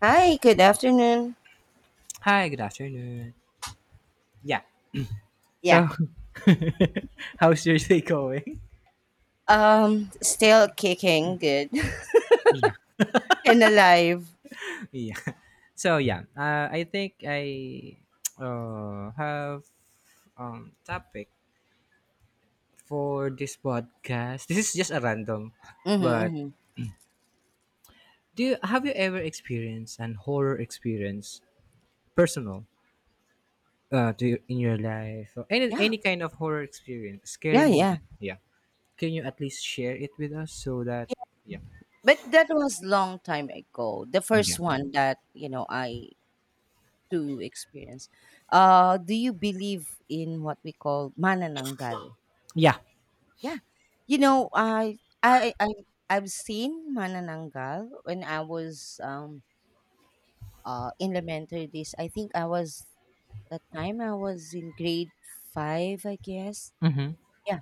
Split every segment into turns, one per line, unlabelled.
Hi, good afternoon.
Hi, good afternoon. Yeah.
Yeah.
So, how's your day going?
Still kicking, good
Yeah.
and alive.
Yeah. So yeah, I think I have topic for this podcast. This is just a random,
Mm-hmm,
but
mm-hmm.
have you ever experienced an horror experience, personal, to in your life, or any
Yeah,
any kind of horror experience, scary
yeah, yeah,
moment? Yeah. Can you at least share it with us so that,
yeah.
yeah.
But that was long time ago. The
Yeah.
first one that I to experience. Do you believe in what we call manananggal?
Yeah.
Yeah, you know I I I I've seen manananggal when I was in elementary days. I think I was that time I was in grade five, I guess.
Mhm.
Yeah.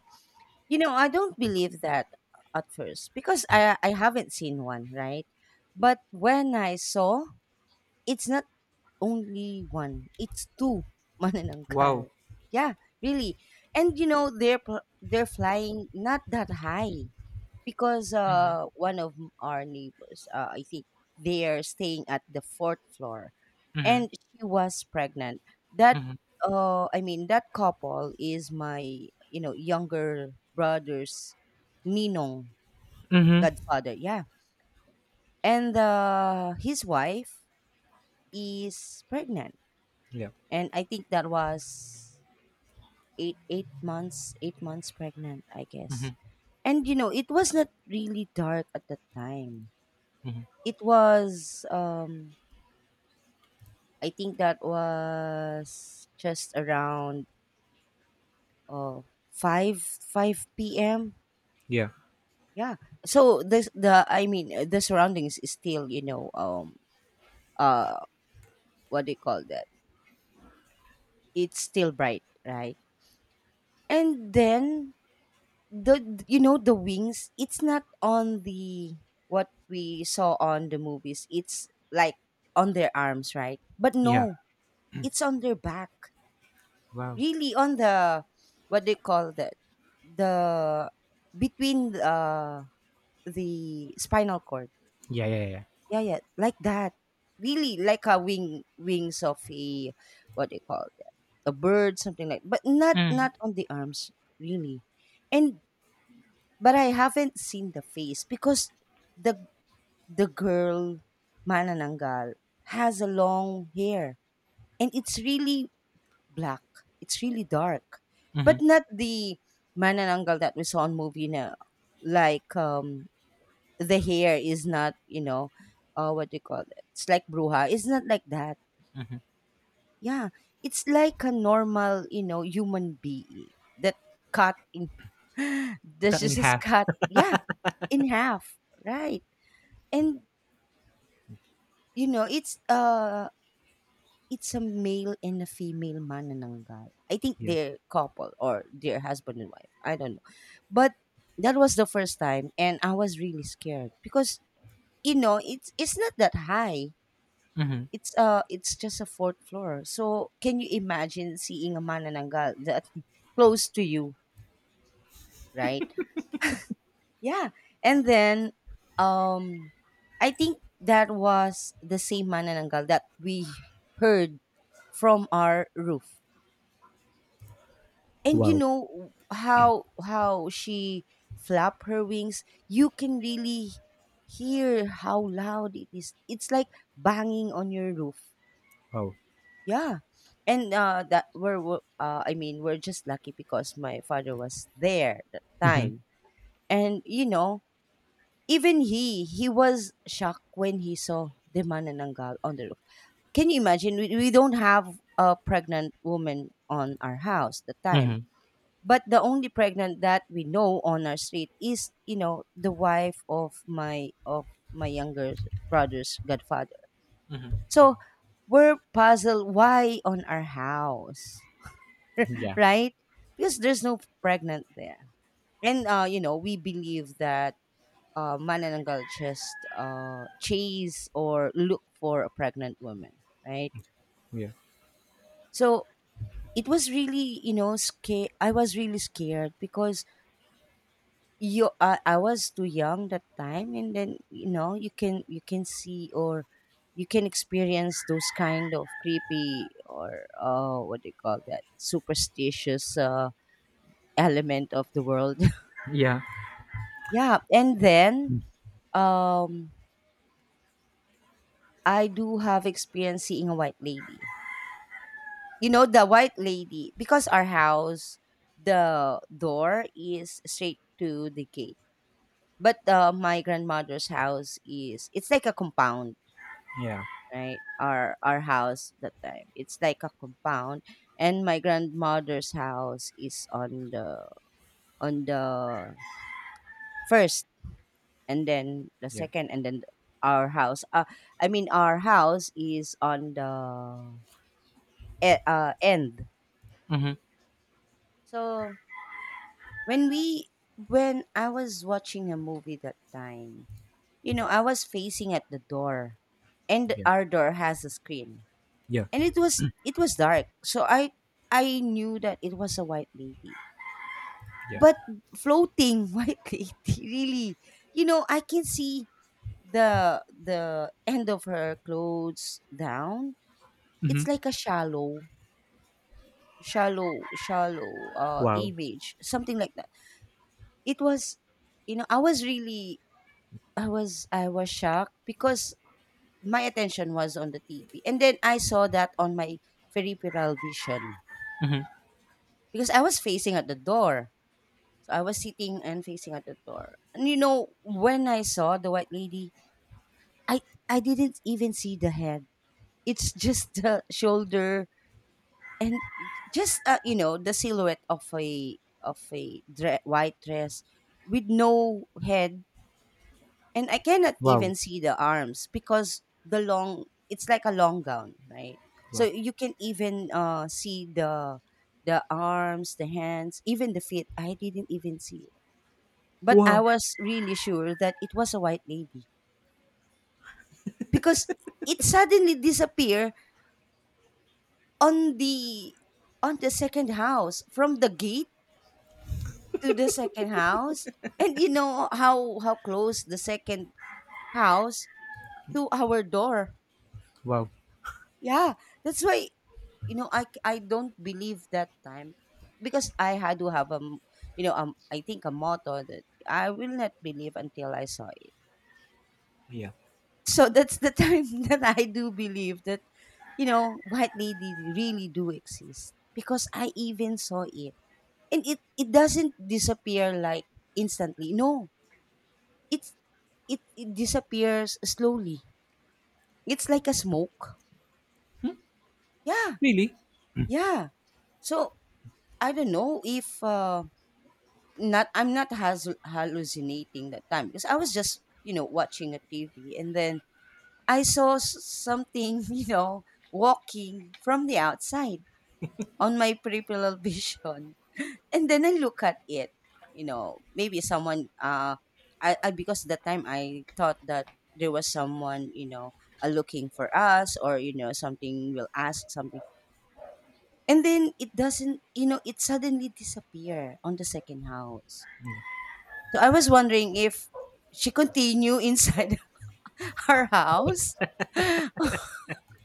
I don't believe that at first because I haven't seen one, right? But when I saw, it's not only one, it's two
Wow.
manananggal. Yeah, really. And they're flying not that high because
Mhm.
one of our neighbors, I think they are staying at the fourth floor
Mhm.
and she was pregnant. That
Mhm.
I mean that couple is my younger brother's ninong
Mhm.
godfather. Yeah. And his wife is pregnant.
Yeah.
And I think that was 8 months pregnant, I
Mhm.
guess. And it was not really dark at that time.
Mhm.
It was I think that was just around uh, 5 p.m.
Yeah.
Yeah. So this the I mean the surroundings is still, uh what do you call that? It's still bright, right? And then the you know the wings, it's not on the what we saw on the movies. It's like on their arms, right? But
Yeah.
no, it's on their back.
Wow.
Really on the what do you call that? The between the spinal cord.
Yeah, yeah, yeah.
Yeah, yeah, like that. Really, like a wing wings of a what do you call that? A bird, something like. But not
Mhm.
not on the arms, really. And but I haven't seen the face because the the girl Manananggal has a long hair and it's really black. It's really dark, but
Mhm.
not the Manananggal that we saw on movie now, like the hair is not, what do you call it? It's like bruja. It's not like that. Yeah. It's like a normal, human being that cut in, this
Cut in
is just
half.
cut, yeah, in half. Right. And, you know, it's, uh, it's a male and a female manananggal. I think
Yeah.
they're couple or they're husband and wife. I don't know. But that was the first time and I was really scared because it's not that high.
Mhm.
It's just a fourth floor. So can you imagine seeing a manananggal that close to you, right? Yeah. And then um I think that was the same manananggal that we heard from our roof. And you
Wow.
know how she flap her wings, you can really hear how loud it is. It's like banging on your roof.
Wow.
Yeah. And I mean we're just lucky because my father was there that
Mhm.
time. And even he was shocked when he saw the manananggal on the roof. Can you imagine we don't have a pregnant woman on our house that time.
Mhm.
But the only pregnant that we know on our street is, the wife of my younger brother's godfather. So we're puzzled why on our house,
Yeah.
right? Because there's no pregnant there. And we believe that manananggal just chase or look for a pregnant woman, right?
Yeah.
So it was really, scared. I was really scared because you, I was too young that time, and then you can see or you can experience those kind of creepy or what do you call that superstitious element of the world.
Yeah.
Yeah, and then um I do have experience seeing a white lady. You know the white lady because our house the door is straight to the gate. But my grandmother's house is it's like a compound,
Yeah.
right? Our house that time. It's like a compound and my grandmother's house is on the on the first and then the
Yeah.
second and then our house I mean our house is on the end.
Mhm.
So when we when I was watching a movie that time, I was facing at the door, and
Yeah.
our door has a screen,
Yeah.
and it was dark, so I knew that it was a white lady.
Yeah.
But floating white lady really, I can see the end of her clothes down. It's
Mhm.
like a shallow
Wow.
image, something like that. It was, I was really I was shocked because my attention was on the TV. And then I saw that on my peripheral vision
Mhm.
because I was facing at the door. So I was sitting and facing at the door. And when I saw the white lady, I I didn't even see the head. It's just the shoulder. And just, the silhouette of a white dress with no head, and I cannot
Wow.
even see the arms because the long it's like a long gown, right? So
Wow.
you can even see the arms, the hands, even the feet. I didn't even see it, but I
Wow.
was really sure that it was a white lady because it suddenly disappeared on the second house from the gate to the second house. And you know how close the second house to our door.
Wow.
Yeah, that's why I don't believe that time because I had to have a m- you know I think a motto that I will not believe until I saw it.
Yeah.
So that's the time that I do believe that white lady really do exist because I even saw it, and it doesn't disappear like instantly. No, it it disappears slowly. It's like a smoke. Yeah,
Really?
yeah. So I don't know if not I'm not has hallucinating that time because I was just watching a TV and then I saw something walking from the outside on my peripheral vision, and then I look at it, maybe someone I because the time I thought that there was someone, looking for us or something will ask something. And then it doesn't, it suddenly disappear on the second house. So I was wondering if she continue inside her house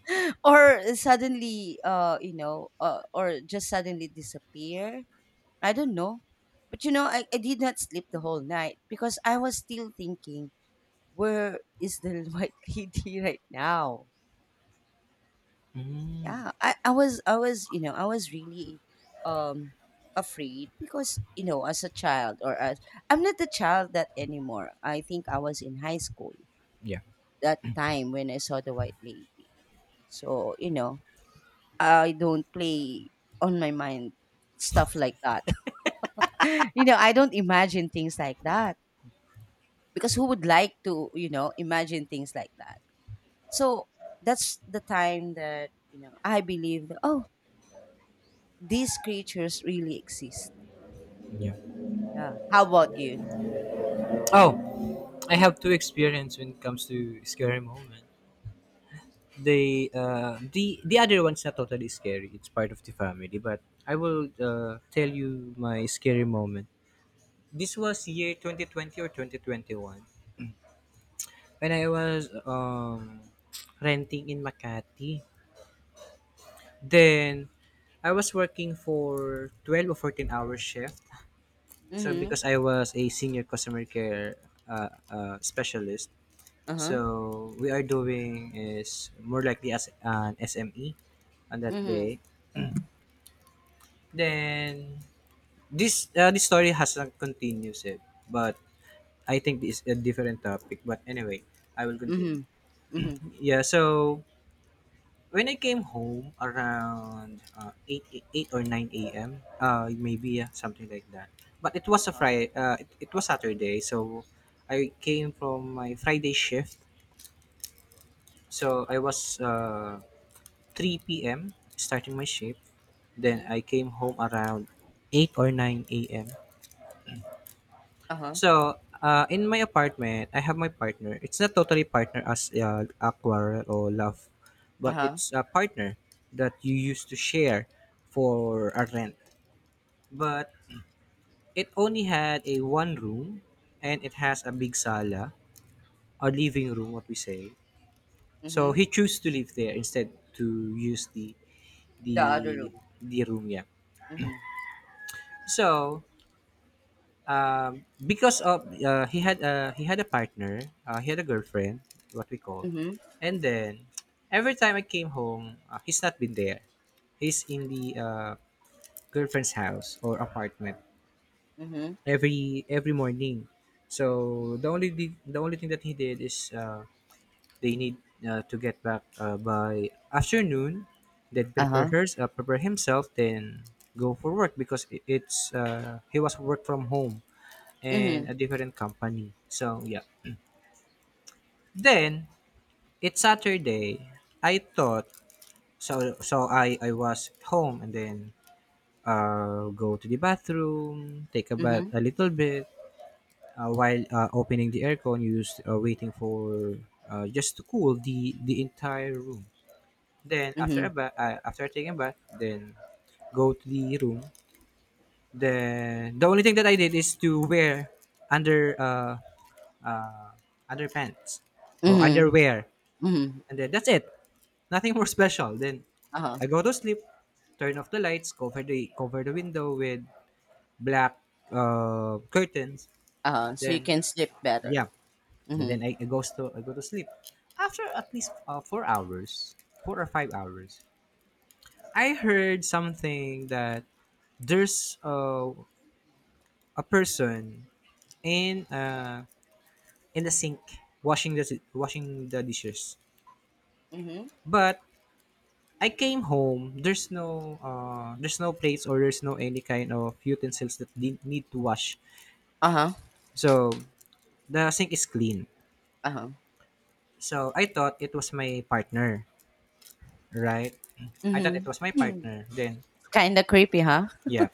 or suddenly or just suddenly disappear. I don't know. But I did not sleep the whole night because I was still thinking, where is the white lady right now?
Mm.
Yeah. I was really um afraid because, as a child or as I'm not a child that anymore. I think I was in high school
Yeah.
that time when I saw the white lady. So, I don't play on my mind stuff like that. I don't imagine things like that, because who would like to imagine things like that. So that's the time that I believe that, oh, these creatures really exist.
Yeah.
Yeah, how about you?
Oh, I have two experience when it comes to scary moments. The other one's not totally scary. It's part of the family, but I will tell you my scary moment. This was year 2020 or 2021 when I was renting in Makati. Then I was working for 12 or 14-hour shift. So
Mm-hmm.
because I was a senior customer care specialist,
Uh-huh.
so we are doing is more likely as an SME on that
Mm-hmm.
day. Then this story hasn't continues it, but I think this is a different topic. But anyway, I will
Mm-hmm.
continue.
Mm-hmm.
Yeah, so when I came home around 8, 8 or 9 a.m., maybe, yeah, something like that. But it was a
Uh-huh.
Friday, it was Saturday, so I came from my Friday shift. So I was 3 p.m. starting my shift. Then
Mm-hmm.
I came home around 8 or 9 a.m.
Uh-huh.
So, in my apartment, I have my partner. It's not totally partner as a quarrel or love, but
Uh-huh.
it's a partner that you used to share for a rent. But it only had a one room, and it has a big sala, a living room, what we say. So
Mm-hmm.
he chose to live there instead to use
The other
the
room.
the room. Yeah.
Mm-hmm.
So, because of, he had a partner, he had a girlfriend, what we call,
Mm-hmm.
and then every time I came home, he's not been there. He's in the, girlfriend's house or apartment
Mm-hmm.
every morning. So the only thing that he did is, they need to get back by afternoon, then prepare
Uh-huh.
her, prepare himself, then go for work because, it, it's he was work from home and
Mm-hmm.
a different company. So yeah. Then it's Saturday. I thought, so I was home, and then go to the bathroom, take a
Mm-hmm.
bath a little bit, while opening the aircon, used waiting for, just to cool the entire room. Then after
Mm-hmm.
a bath, after taking a bath, then go to the room. The only thing that I did is to wear under uh, uh, underpants or
Mm-hmm.
underwear,
Mm-hmm.
and then that's it. Nothing more special. Then
Uh-huh.
I go to sleep, turn off the lights, cover the window with black, curtains.
Uh-huh, so you
Then,
can sleep better.
yeah, and
Mm-hmm.
then I go to sleep. After at least 4 hours, 4 or 5 hours, I heard something that there's, a person in uh, in the sink washing the dishes,
Mm-hmm.
but I came home, there's no, there's no plates or there's no any kind of utensils that need to wash,
Uh-huh.
so the sink is clean.
Uh-huh.
So I thought it was my partner, right? I thought it
Mm-hmm.
was my
Hmm.
partner. Then,
Kinda creepy, huh?
yeah,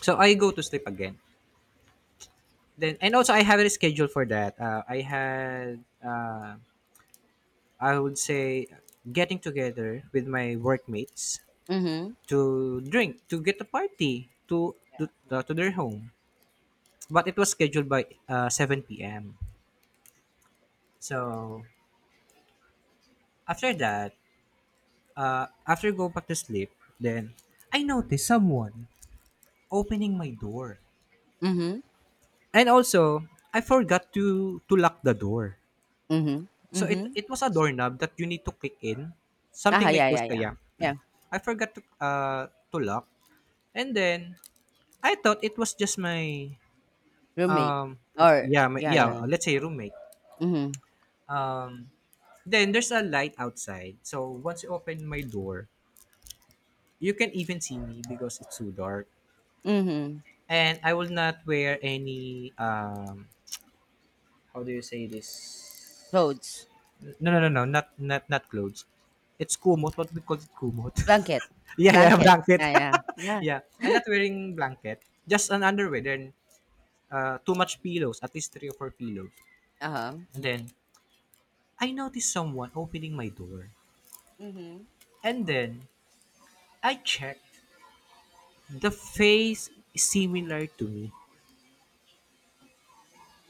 so I go to sleep again. Then, and also I have a schedule for that, I had, I would say, getting together with my workmates
Mhm.
to drink, to get a party, to
Yeah.
to,
Yeah.
to their home. But it was scheduled by 7 p.m. So after that, after go back to sleep, then I noticed someone opening my door.
Mhm.
And also, I forgot to lock the door.
Mhm.
So it
Mhm.
it was a doorknob that you need to click in, something
Ah,
like
yeah,
those.
yeah, yeah.
Kaya
Yeah,
I forgot to lock, and then I thought it was just my,
roommate.
um
Or
yeah, my,
yeah,
yeah,
yeah, yeah.
let's say, roommate
Mhm.
um Then there's a light outside. So once you open my door, you can even see me because it's too dark.
Mhm.
And I will not wear any, how do you say this?
Clothes.
No, no, no, no, not clothes. It's kumot. What we call it, kumot.
Blanket.
Yeah, yeah,
Blanket.
blanket.
Yeah, yeah. Yeah.
Yeah, I'm not wearing blanket. Just an underwear. Then, too much pillows. At least three or four pillows.
Uh-huh.
And then I noticed someone opening my door.
Mhm.
And then I checked. The face is similar to me.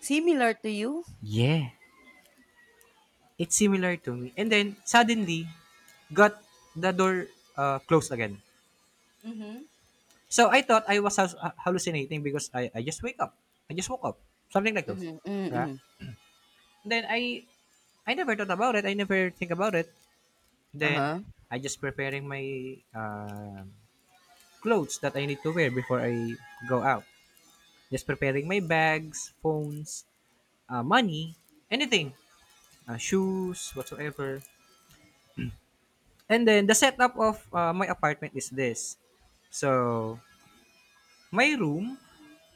Similar to you?
Yeah, it's similar to me. And then suddenly, got the door, closed again.
Mhm.
So I thought I was hallucinating because I just wake up. I just woke up. Something like those.
Mhm. Mhm.
Right?
Mhm.
Then I never thought about it. I never think about it. Then
Uh-huh.
I just preparing my, um clothes that I need to wear before I go out. Just preparing my bags, phones, money, anything, shoes, whatsoever. And then the setup of, my apartment is this. So, my room,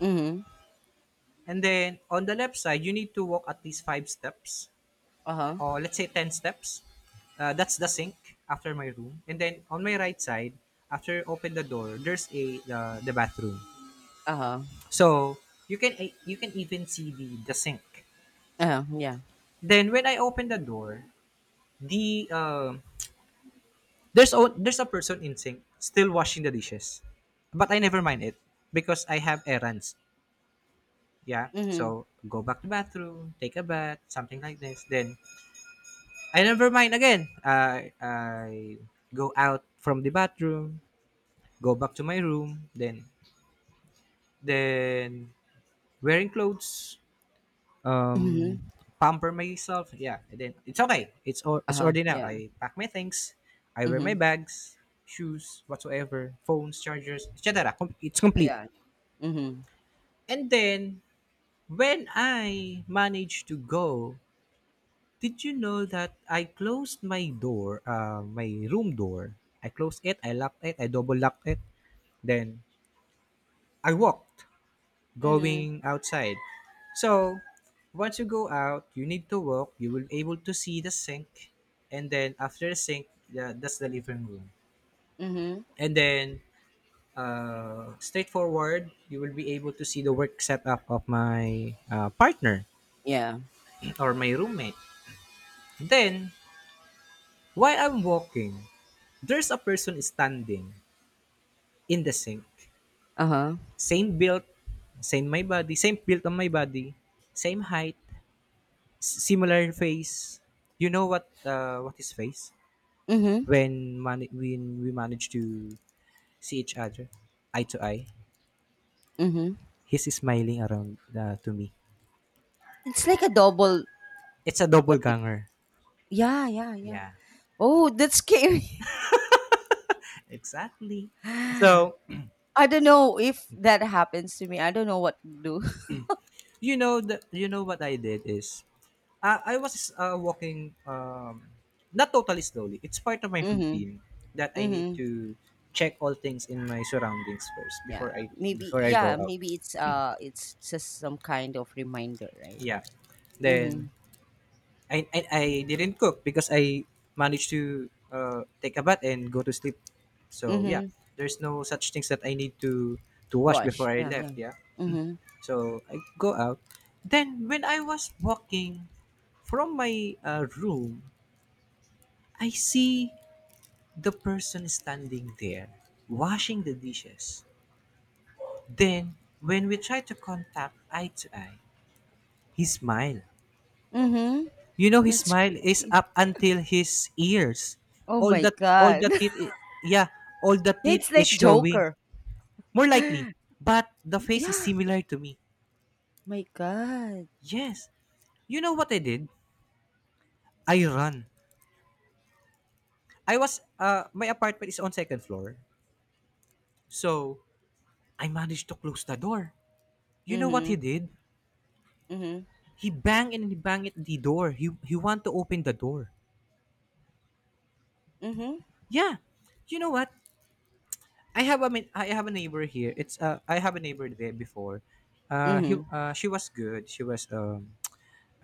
Mhm.
and then on the left side, you need to walk at least 5 steps,
Uh-huh.
or let's say 10 steps. That's the sink after my room. And then on my right side, after you open the door, there's, a the bathroom.
Uh-huh.
So, you can, you can even see the sink.
Uh-huh. Yeah.
Then when I open the door, the um there's a person in sink still washing the dishes. But I never mind it because I have errands. Yeah,
Mhm.
so go back to bathroom, take a bath, something like this. Then I never mind again. I go out from the bathroom, go back to my room. Then, then wearing clothes, um,
Mhm.
pamper myself. Yeah, and then it's okay. It's
Uh-huh.
already now.
Yeah.
I pack my things. I wear my
Mhm.
bags, shoes, whatsoever, phones, chargers, etc. It's complete.
Yeah. Mhm.
And then when I manage to go. Did you know that I closed my door, my room door? I closed it, I locked it, I double locked it. Then I walked
Mhm.
going outside. So once you go out, you need to walk. You will able to see the sink, and then after the sink, yeah, that's the living room.
Mhm.
And then, straightforward, you will be able to see the work setup of my, partner
Yeah.
or my roommate. Then while I'm walking, there's a person standing in the sink.
Uh-huh.
Same build, same my body, same build on my body, same height, similar face. You know what, what is face?
Mhm.
When, when we manage to see each other eye to eye,
Mhm.
he's smiling around, to me.
It's like a double.
It's a double
What they cook.
ganger.
Yeah, yeah, yeah.
Yeah,
Oh, that's scary.
exactly. So,
I don't know if that happens to me. I don't know what to do.
you know what I did is, ah, I was, walking, not totally slowly. It's part of my
Mm-hmm.
routine that I need
Mm-hmm.
to check all things in my surroundings first,
Yeah. Maybe
before I go
yeah,
out.
maybe it's just some kind of reminder, right?
Yeah.
Mm-hmm.
Then I didn't cook because I managed to, take a bath and go to sleep. So yeah,
Mm-hmm.
there's no such things that I need to wash before
Wash.
I
Yeah, yeah.
left. Yeah.
Mm-hmm.
So I go out. Then when I was walking from my, room, I see the person standing there washing the dishes. Then, when we try to contact eye to eye, he smiled.
Mm-hmm.
You know, his
That's
smile is
creepy.
up until his ears.
Oh
All
my
that, all
god.
the teeth, yeah, all the teeth
It's
is
like
showing.
Joker.
More likely, but the face is
Yeah.
similar to me.
My god.
Yes. You know what I did? I run. My apartment is on second floor. So, I managed to close the door. You know what he
Mm-hmm.
did?
Mm-hmm.
He banged and he banged the door. He want to open the door.
Mm-hmm.
Yeah, you know what? I have a neighbor here. It's I have a neighbor there before. He
Mm-hmm.
She was good. She was,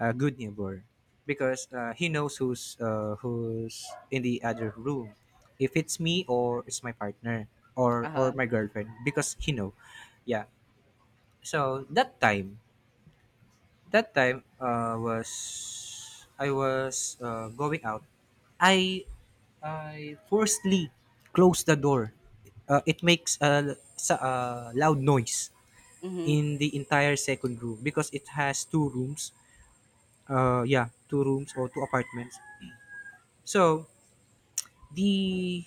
a good neighbor because, he knows who's in the other room. If it's me or it's my partner or
Uh-huh.
my girlfriend, because he know. Yeah. So that time was I was, going out. I I firstly close the door. It makes a sa loud noise
Hmm.
in the entire second room because it has two rooms. Yeah, two rooms or two apartments. So the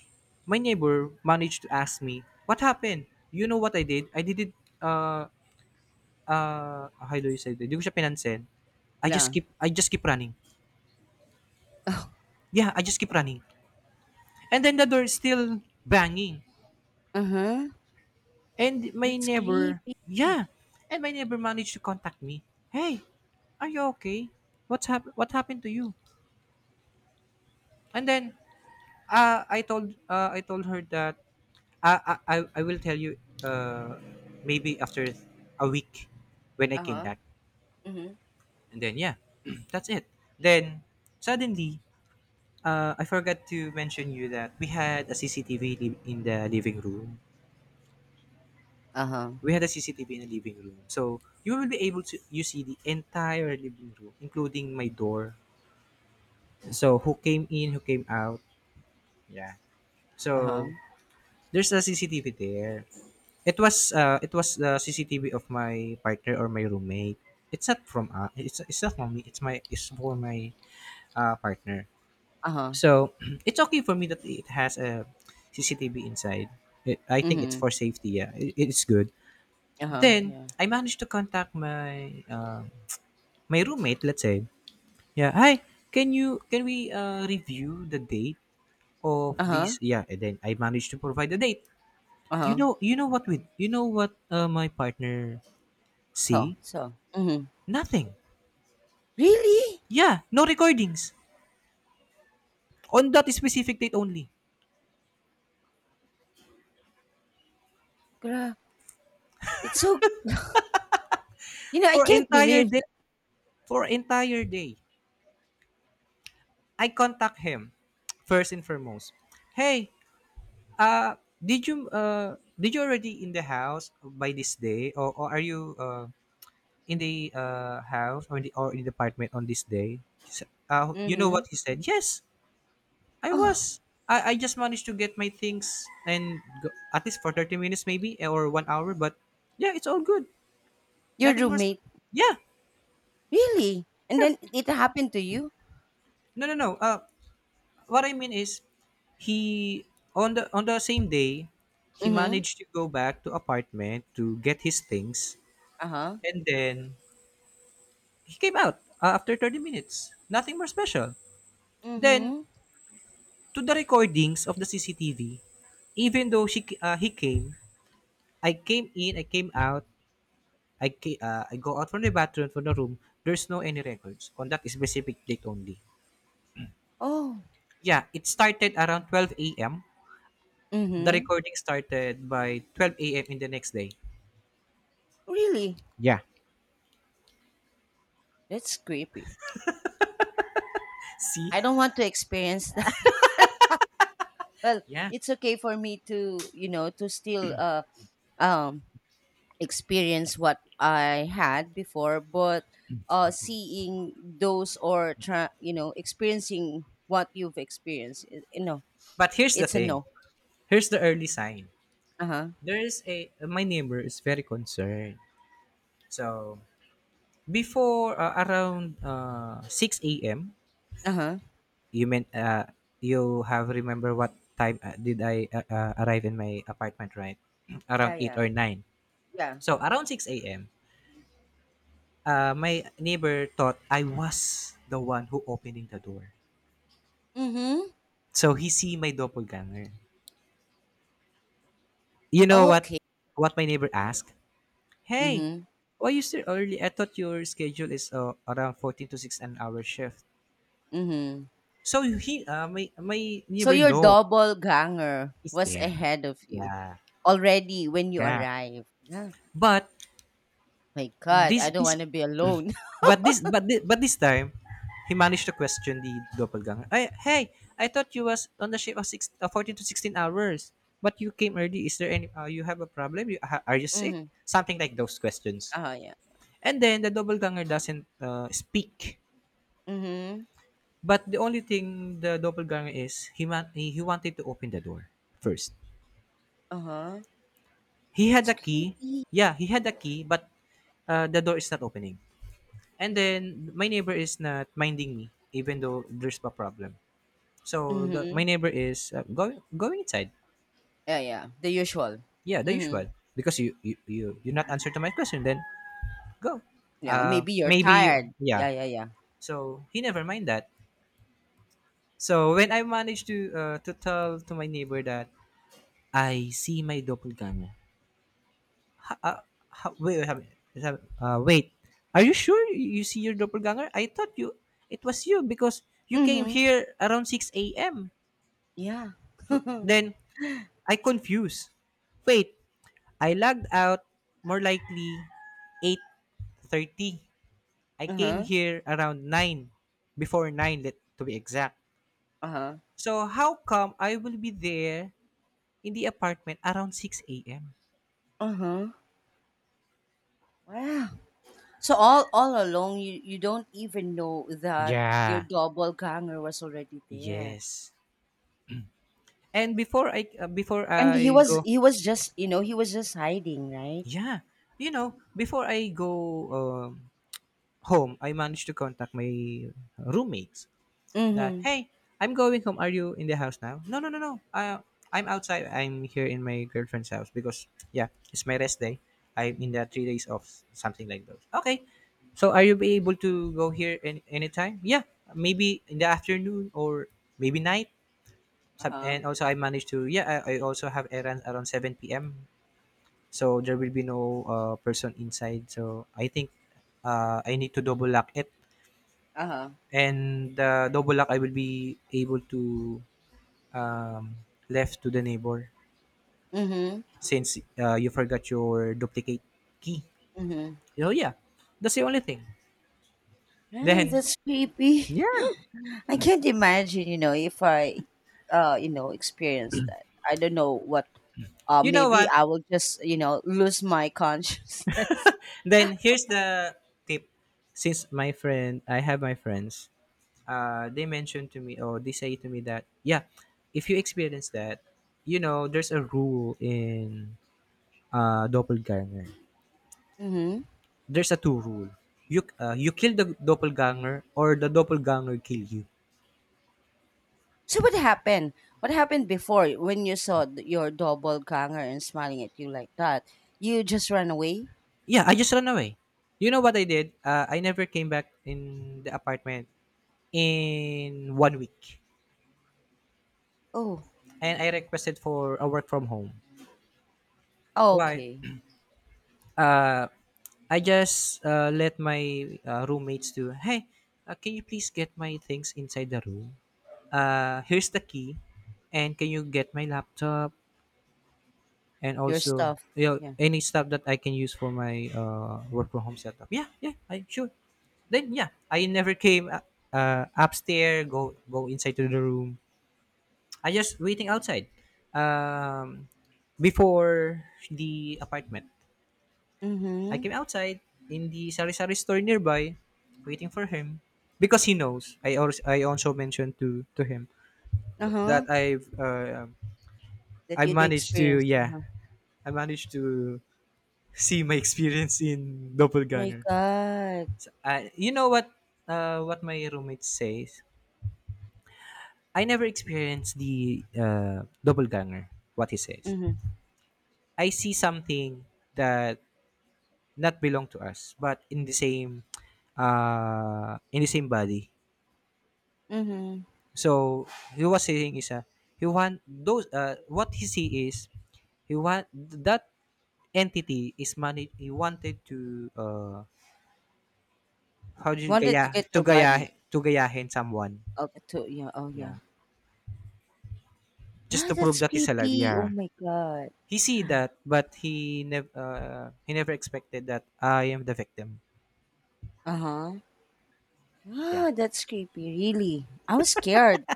my neighbor managed to ask me, "What happened?" You know what I did? I did it. Uh, how do you say that? Hindi ko siya pinansin. I just
Yeah.
keep I just keep running. Yeah, I just keep running. And then the door is still banging.
Uh-huh.
And my
That's
neighbor,
creepy.
yeah, and my neighbor managed to contact me. Hey, are you okay? What happened to you? And then I told her that I I, I I will tell you maybe after a week when I came
Uh-huh.
back.
Mhm.
And then yeah, that's it. Then suddenly, I forgot to mention you that we had a CCTV li- in the living room
Uh-huh.
we had a CCTV in the living room. So you will be able to you see the entire living room, including my door. So who came in, who came out. Yeah. So
Uh-huh.
there's a CCTV there. It was the CCTV of my partner or my roommate. It's not from me. It's for my partner.
Uh-huh.
So it's okay for me that it has a CCTV inside. I think it's
Mhm.
for safety. Yeah, it's good.
Uh-huh.
Then
Yeah.
I managed to contact my roommate, let's say, yeah, hi, can we review the date of
Uh-huh.
this? Yeah, and then I managed to provide the date.
Uh-huh.
You know what my partner
So,
see?
so. Mhm.
Nothing.
Really?
Yeah, no recordings on that specific date only
Gra- It's so, I
for
can't
entire
believe
day.
that.
For entire day, I contact him first and foremost. Hey, uh, did you already in the house by this day or are you in the house or in the apartment on this day? You know
Mhm.
what he said? Yes, I
Oh,
was. I just managed to get my things and go, at least for 30 minutes maybe, or 1 hour, but yeah, it's all good.
your
Nothing more.
roommate.
Yeah.
Really? And then it happened to you?
No, no, no. What I mean is he on the same day he
Mhm.
managed to go back to apartment to get his things,
Uh-huh.
and then he came out after 30 minutes nothing more special. Then
Mhm.
to the recordings of the CCTV, even though she he came, I came in, I came out, I go out from the bathroom from the room. There's no any records on that specific date only.
Oh.
Yeah, it started around 12 a.m. The
Mhm.
recording started by 12 a.m. in the next day.
Really?
Yeah.
That's creepy.
See?
I don't want to experience that. Well,
Yeah.
it's okay for me to, to still um experience what I had before, but seeing those or try, experiencing what you've experienced,
But here's the
it's a
thing.
no.
Here's the early sign.
Uh huh.
There's a My neighbor is very concerned. So before, around 6 a.m.
Uh huh.
You meant, you have remember what time did I arrive in my apartment, right? Around
Yeah.
8
Yeah.
or 9.
Yeah.
So around 6 a.m., my neighbor thought I was the one who opening the door.
Mm-hmm.
So he see my doppelganger. You know what
Okay.
what my neighbor asked? Hey,
Mm-hmm.
why you still early? I thought your schedule is around 14 to 6 an hour shift.
Mm-hmm.
So he my my
So
neighbor
your
know
double ganger
he's
was
there.
ahead of you
Yeah.
already when you
Yeah.
arrived. Yeah.
But
My God, I
this
don't
this
want to be alone.
But this but this, But this time, he managed to question the doppelganger. Hey, I thought you was on the ship of six, 14 to 16 hours, but you came early. Is there any You have a problem? Are you sick?
Mm-hmm.
Something like those questions.
Uh huh. Yeah.
And then the doppelganger doesn't, speak.
Mm-hmm.
But the only thing the doppelganger is he, man- he wanted to open the door first.
Uh huh.
He had
That's
a key.
creepy.
Yeah, he had a key, but the door is not opening. And then my neighbor is not minding me, even though there's a problem. So my
Mm-hmm.
neighbor is going inside.
Yeah, yeah, the usual.
Yeah, the usual.
Mhm.
Because you not answer to my question, then go.
Yeah, maybe you're
Maybe you,
tired.
yeah.
Yeah, yeah, yeah.
So he never mind that. So when I managed to tell to my neighbor that I see my doppelganger. Ha, ha, wait, wait, wait, wait. Are you sure you see your doppelganger? I thought you it was you because you came
Mhm.
here around 6 a.m.
Yeah.
Then I confused. Wait, I logged out more likely 8:30. I came
Uh-huh.
here around nine, before nine, to be exact.
Uh-huh.
So how come I will be there in the apartment around 6 a.m.?
Uh-huh. Wow. So all along you don't even know that your
Yeah.
double ganger was already there.
Yes. And before
And
I go
he was just hiding, right?
yeah, you know, before I go um, home, I managed to contact my roommates. That,
Mhm.
hey, I'm going home. Are you in the house now? No, no, no, no, I'm outside. I'm here in my girlfriend's house because yeah, it's my rest day. I'm in the 3 days off, something like those. Okay, so are you be able to go here anytime? Yeah, maybe in the afternoon or maybe night. Some-
Uh-huh.
and also I managed to yeah I also have errands around 7 p.m., so there will be no person inside, so I think I need to double lock it,
Uh-huh.
and double lock I will be able to um, left to the neighbor
Mhm.
since you forgot your duplicate key.
Mhm.
So yeah, that's the only thing.
Yeah,
Then
that's creepy.
yeah,
I can't imagine, if I, experience that. I don't know what.
you know
Maybe
what?
I will just, lose my consciousness.
Then here's the tip. Since I have my friends. They mentioned to me or they say to me that yeah, if you experience that, you know there's a rule in doppelganger.
Hmm.
There's a two rule. You kill the doppelganger or the doppelganger kill you.
So what happened? What happened before when you saw your double ganger and smiling at you like that? You just ran away.
Yeah, I just ran away. You know what I did? I never came back in the apartment in 1 week,
Oh,
and I requested for a work from home.
oh
Why?
okay.
Uh, I just let my roommates do. Hey, can you please get my things inside the room? Here's the key, and can you get my laptop, and
Your
also
stuff. Yeah.
any stuff that I can use for my work from home setup. Yeah, yeah, I sure. Then yeah, I never came upstairs, go inside to the room. I just waiting outside. Um, Before the apartment, I
Mm-hmm.
came outside in the sari sari store nearby, waiting for him because he knows. I also mentioned to him
Uh huh.
that I
That you'd
managed to
experienced. Uh
yeah
huh.
I managed to see my experience in
My
doppelganger.
God.
You know what? What my roommate says. I never experienced the doppelganger. What he says.
Mm-hmm.
I see something that not belong to us, but in the same body.
Mm-hmm.
So he was saying is, he want those. What he see is he want that entity is money, he wanted to how do you
Wanted
gaya
to get
to
your
gaya
body.
to gayahin someone.
Okay. To yeah. Oh yeah.
Yeah, just
Ah,
to prove
that's
that he's alive.
creepy. Oh
Yeah,
my god.
he see that, but he never expected that I am the victim.
Uh-huh.
Yeah.
Ah, that's creepy. Really. I was scared.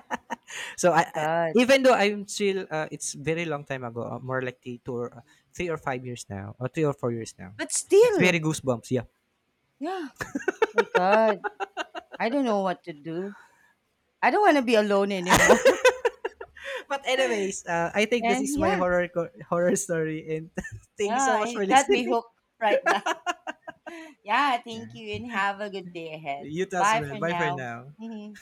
So
My
I
god.
even though I'm still it's very long time ago, more like 3 or 5 years now, or 3 or 4 years now.
But
It's very
still.
goosebumps. Yeah.
Yeah. My god. I don't know what to do. I don't want to be alone anymore.
But anyways, I think this
And
is my
yeah.
horror story, and thank you so
Yeah.
much for
It got me
listening.
hooked right now. Yeah. Thank
Yeah.
you and have a good day ahead.
You too as
Bye
well.
for
Bye for
now.
now.